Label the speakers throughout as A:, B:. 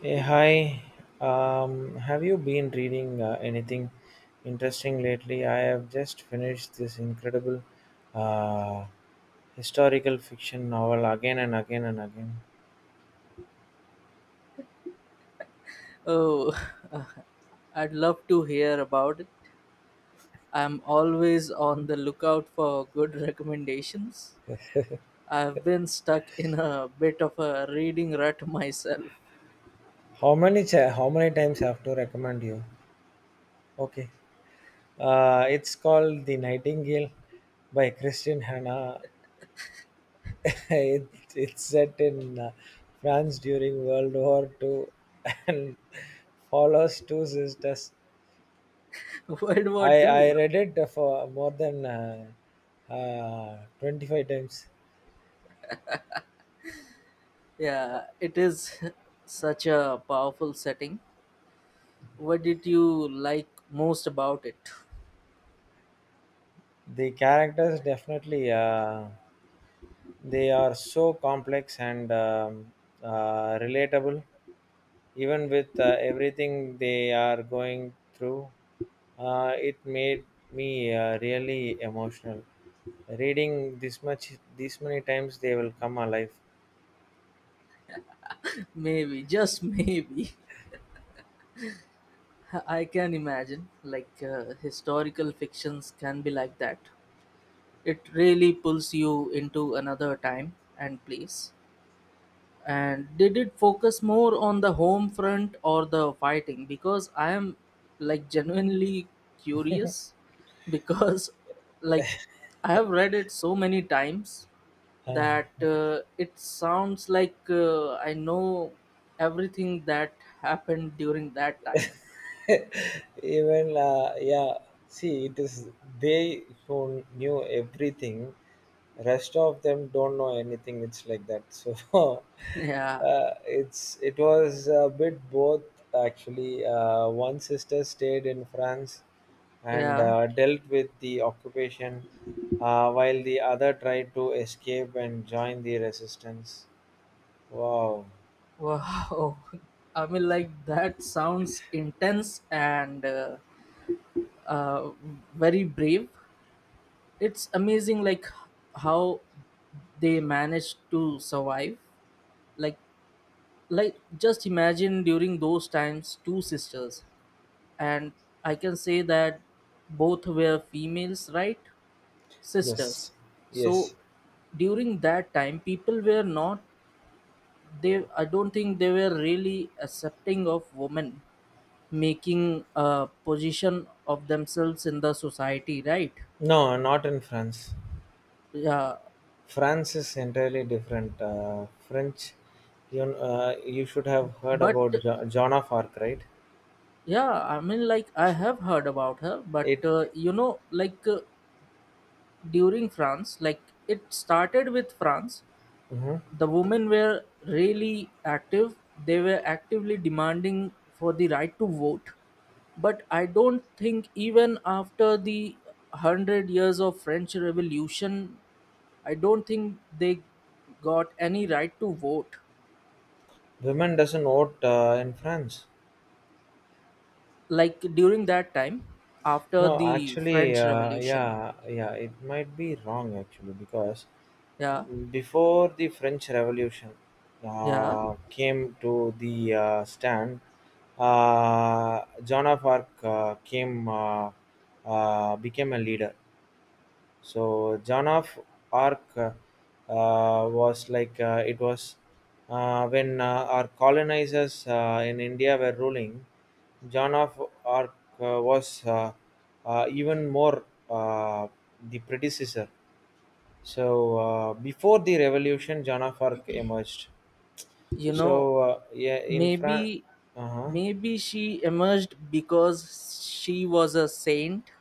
A: Hey, hi. Have you been reading anything interesting lately? I have just finished this incredible uh, historical fiction novel again and again and again.
B: Oh, I'd love to hear about it. I'm always on the lookout for good recommendations. I've been stuck in a bit of a reading rut myself.
A: How many times have to recommend you? Okay, it's called The Nightingale by Christian Hanna. it, it's set in France during World War Two and follows two sisters.
B: World War
A: I
B: Two,
A: read it for more than 25 times.
B: yeah, it is such a powerful setting. What did you like most about it?
A: The characters definitely, they are so complex and relatable, even with everything they are going through. It made me, really emotional. Reading this much, this many times, they will come alive.
B: Maybe, just maybe. I can imagine, like historical fictions can be like that. It really pulls you into another time and place. And did it focus more on the home front or the fighting? Because I am, like, genuinely curious, because like I have read it so many times
A: Uh,
B: that it sounds like I know everything that happened during that time.
A: even, yeah, see, it is they who knew everything, rest of them don't know anything, it's like that, so
B: Yeah,
A: uh, it was a bit both, actually. One sister stayed in France and
B: yeah.
A: dealt with the occupation, while the other tried to escape and join the resistance. Wow.
B: Wow, I mean, like that sounds intense and uh, very brave. It's amazing, like how they managed to survive. Like, like just imagine during those times, two sisters, and I can say that both were females, right? Sisters.
A: Yes.
B: So
A: Yes.
B: during that time, people were not, they I don't think they were really accepting of women making a position of themselves in the society, right?
A: No, not in France.
B: Yeah,
A: France is entirely different. French, you should have heard
B: but
A: about Joan of Arc, right?
B: yeah, I mean, like I
A: Sh-
B: have heard about her but
A: It.
B: you know, like during France, like it started with France.
A: Mhm.
B: The women were really active. They were actively demanding for the right to vote. But I don't think even after the 100 years of French Revolution, I don't think they got any right to vote.
A: Women doesn't vote in France.
B: Like during that time, after
A: No,
B: the
A: actually,
B: French Revolution.
A: yeah, yeah, it might be wrong, actually, because
B: Yeah.
A: before the French Revolution
B: Yeah.
A: came to the stand, Joan of Arc came, became a leader. So Joan of Arc was like it was when our colonizers in India were ruling. Joan of Arc was even more the predecessor. So before the revolution, Joan of Arc emerged.
B: You know,
A: So yeah, in France.
B: maybe
A: Uh-huh.
B: maybe she emerged because she was a saint.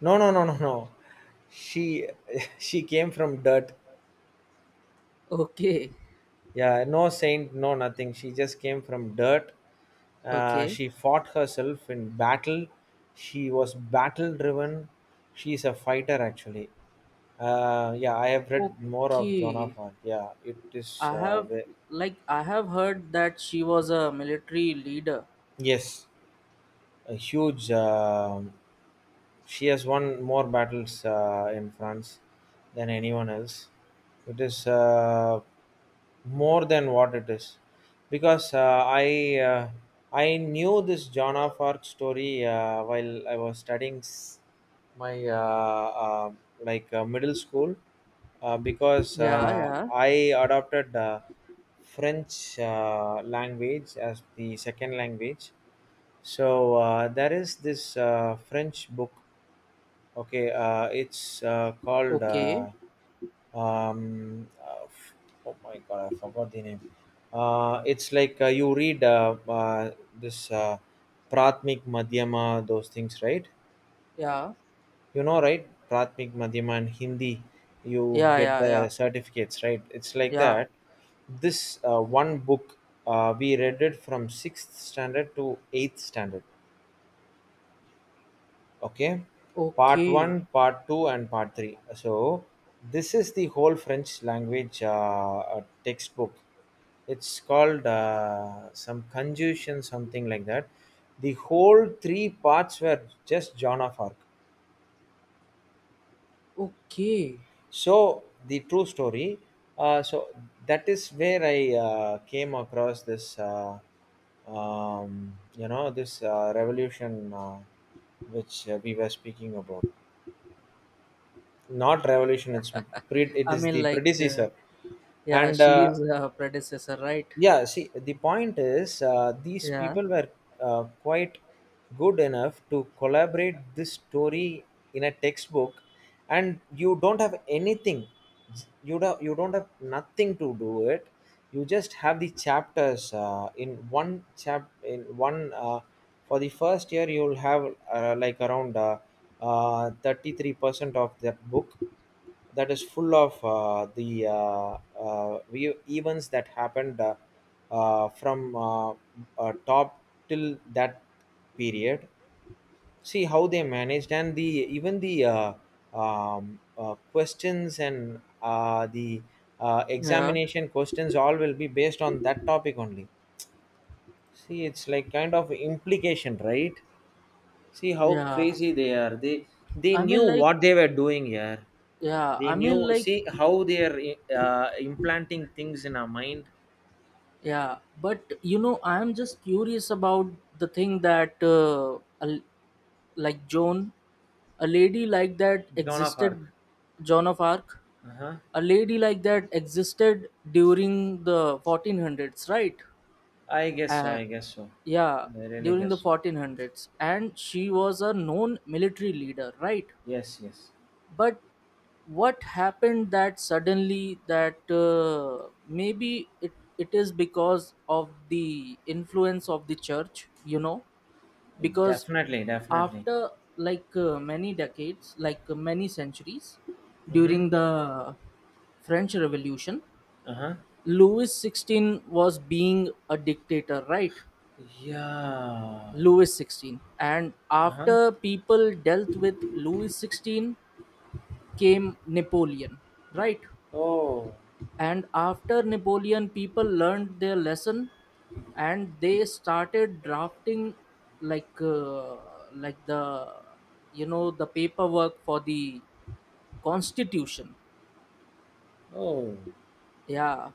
A: No, no, no, no, no. She she came from dirt.
B: Okay.
A: Yeah, no saint, no nothing. She just came from dirt.
B: Okay.
A: She fought herself in battle. She was battle driven. She's a fighter, actually. Yeah, I have read more of Joan
B: Okay.
A: of Arc. Yeah, it is.
B: I have, like I have heard that she was a military leader.
A: Yes, a huge. She has won more battles in France than anyone else. It is more than what it is, because I, uh, I knew this Joan of Arc story while I was studying my, like middle school, because
B: Yeah, yeah.
A: I adopted French language as the second language. So there is this French book. Okay, it's called
B: Okay.
A: um, uh, f- oh my God, I forgot the name. It's like you read this pratmik madhyama, those things, right?
B: Yeah.
A: You know, right, pratmik madhyama, and Hindi you
B: Yeah,
A: get
B: yeah,
A: the
B: yeah.
A: certificates, right? It's like
B: Yeah.
A: that. This one book, we read it from 6th standard to 8th standard. Okay. Part
B: Okay.
A: one, part two, and part three. So this is the whole French language textbook. It's called some conjunction, something like that. The whole three parts were just Joan of Arc.
B: Okay.
A: So the true story. So that is where I came across this. You know, this revolution which we were speaking about. Not revolution, it's pre, it
B: I
A: is
B: mean,
A: the
B: like
A: predecessor.
B: yeah,
A: And
B: she is a predecessor, right?
A: yeah, see, the point is these
B: Yeah.
A: people were quite good enough to collaborate this story in a textbook, and you don't have anything. You don't have nothing to do it. You just have the chapters in one chap in one for the first year. You'll have like around 33% of that book that is full of events that happened, from top till that period. See how they managed, and the even the questions and the
B: Yeah.
A: examination questions, all will be based on that topic only. See, it's like kind of implication, right? See how
B: Yeah.
A: crazy they are. They
B: I
A: knew
B: mean, like
A: what they were doing here.
B: yeah,
A: They
B: I mean,
A: knew.
B: like
A: See how they are implanting things in our mind.
B: yeah, but you know, I am just curious about the thing that, like Joan, a lady like that
A: Joan of Arc.
B: existed, Joan of Arc,
A: Uh-huh.
B: a lady like that existed during the 1400s, right?
A: I guess so.
B: Uh,
A: I guess so.
B: yeah,
A: I really
B: during
A: guess
B: the
A: so.
B: 1400s, and she was a known military leader, right?
A: Yes. Yes.
B: But what happened that suddenly that maybe it is because of the influence of the church, you know, because
A: Definitely. Definitely.
B: after, like many decades, like many centuries
A: Mm-hmm.
B: during the French Revolution,
A: Uh-huh.
B: Louis XVI was being a dictator, right?
A: Yeah.
B: Louis XVI, and
A: Uh-huh.
B: after people dealt with Louis XVI came Napoleon, right?
A: Oh.
B: And after Napoleon, people learned their lesson, and they started drafting, like uh, like the, you know, the paperwork for the constitution.
A: Oh.
B: Yeah,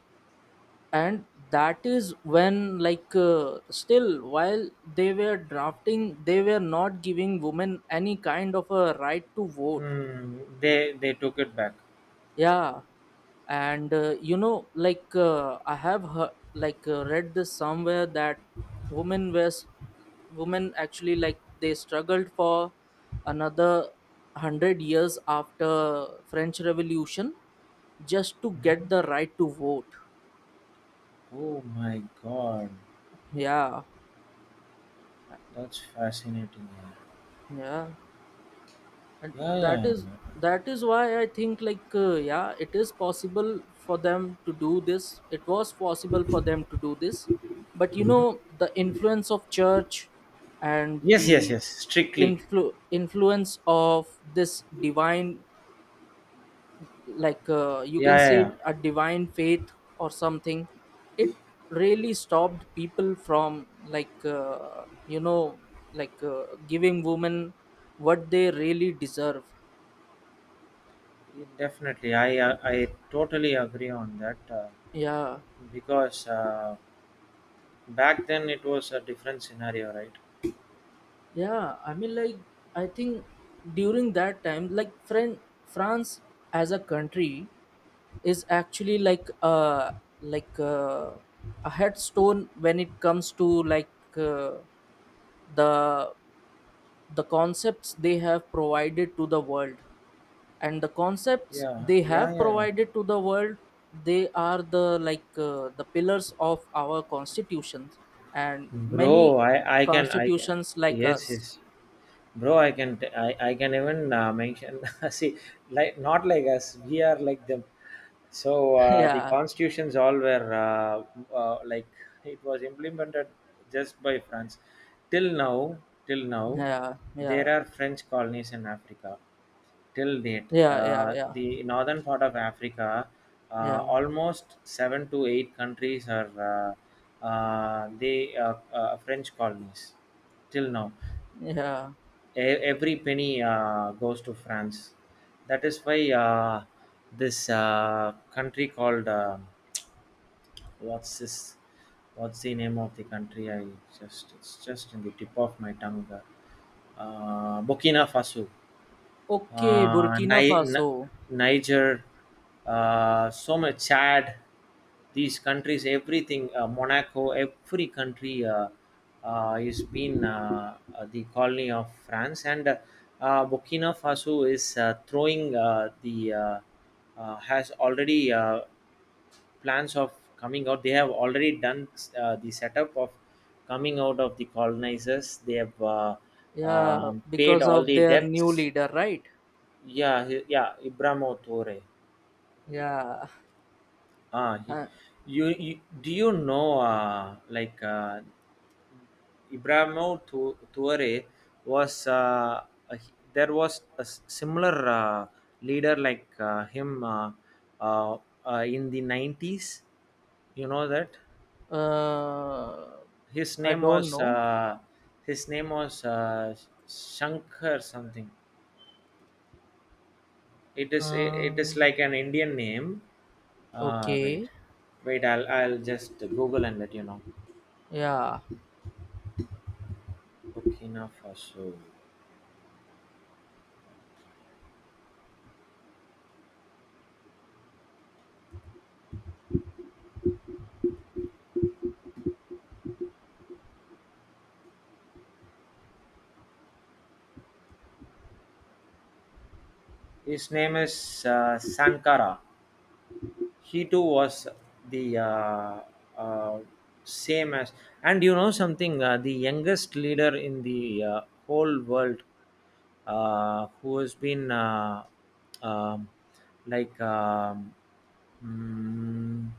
B: and that is when, like still while they were drafting, they were not giving women any kind of a right to vote.
A: Mm, they took it back.
B: Yeah, and you know, like I have heard, like read this somewhere that women were s- women actually, like they struggled for another hundred years after French Revolution just to get
A: Mhm.
B: the right to vote.
A: Oh my God,
B: Yeah,
A: that's fascinating. Yeah,
B: yeah. And
A: yeah,
B: that
A: yeah.
B: is, that is why I think, like yeah, it is possible for them to do this, it was possible for them to do this. But you know, the influence of church and
A: Yes, yes,
B: the
A: yes. Strictly.
B: influence of this divine, like you
A: Yeah,
B: can
A: yeah, yeah.
B: say a divine faith or something, it really stopped people from, like you know, like giving women what they really deserve.
A: Definitely. I, I totally agree on that,
B: Yeah,
A: because back then it was a different scenario, right?
B: yeah, I mean, like I think during that time, like France as a country is actually like like uh, a headstone when it comes to, like uh, the the concepts they have provided to the world, and the concepts
A: Yeah,
B: they
A: yeah, yeah,
B: have
A: yeah.
B: provided to the world, they are the, like the pillars of our constitutions and many
A: Bro, I can.
B: constitutions like
A: Yes,
B: us.
A: yes. Bro, I can even mention. See, like not like us, we are like them. So the
B: Yeah,
A: constitutions all were like, it was implemented just by France till now, till now.
B: yeah,
A: There
B: yeah,
A: are French colonies in Africa till date.
B: yeah, yeah, yeah,
A: The northern part of Africa,
B: yeah,
A: almost 7 to 8 countries are they French colonies till now.
B: yeah.
A: Every penny goes to France. That is why this country called, what's this? What's the name of the country? I just, it's just in the tip of my tongue. Burkina Faso,
B: Okay,
A: uh,
B: Burkina
A: Ni- Ni-
B: Faso.
A: Niger, so much Chad, these countries, everything, Monaco, every country is been the colony of France. And Burkina Faso is throwing the has already plans of coming out. They have already done the setup of coming out of the colonizers. They have
B: Yeah,
A: paid
B: because
A: all
B: of
A: the
B: their new
A: debts.
B: leader, right?
A: Yeah, he, yeah, Ibrahimo Tore.
B: Yeah.
A: Ah, he,
B: uh,
A: you do you know like Ibrahimo Tore was a, there was a similar leader like him, uh, in the 90s. You know that,
B: uh,
A: his
B: I
A: name
B: don't
A: was,
B: know.
A: his name was Shankar something.
B: Uh,
A: It is like an Indian name.
B: okay.
A: Wait, wait. I'll just Google and let you know.
B: Yeah.
A: Burkina Faso. His name is Sankara. He too was the uh, same as, and you know something, the youngest leader in the whole world, who has been um, like mm,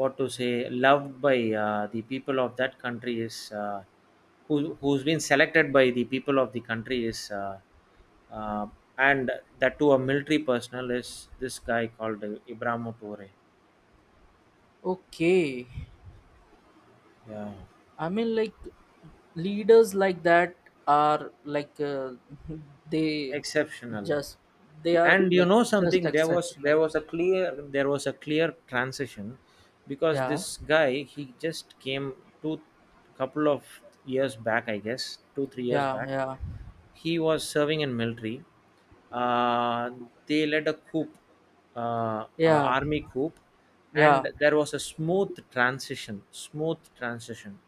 A: what to say, loved by the people of that country is who who's been selected by the people of the country is uh, and that to a military personnel is this guy called Ibrahim Toure.
B: Okay.
A: Yeah,
B: I mean, like leaders like that are like they
A: exceptional.
B: just, they are
A: And you
B: like,
A: know
B: just
A: something? There was there
B: exceptional.
A: was a clear, transition, because
B: Yeah.
A: this guy, he just came two couple of years back, I guess, 2 3 years
B: Yeah.
A: back.
B: Yeah.
A: He was serving in military. Uh, they led a coup,
B: Yeah.
A: army coup, and
B: Yeah.
A: there was a smooth transition. Smooth transition.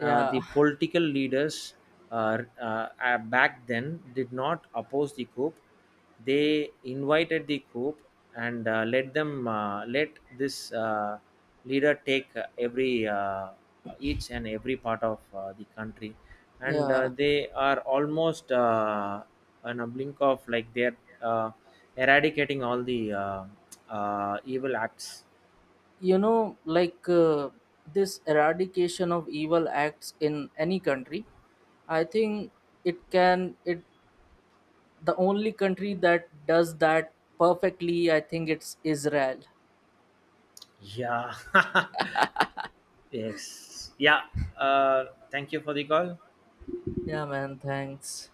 A: The political leaders back then did not oppose the coup. They invited the coup and let them, let this leader take every each and every part of the country. And
B: Yeah.
A: they are almost on a blink of like they're uh, eradicating all the evil acts.
B: You know, like this eradication of evil acts in any country, I think it can it, the only country that does that perfectly, I think, it's Israel.
A: Yeah yes, yeah, thank you for the call.
B: Yeah, man, thanks.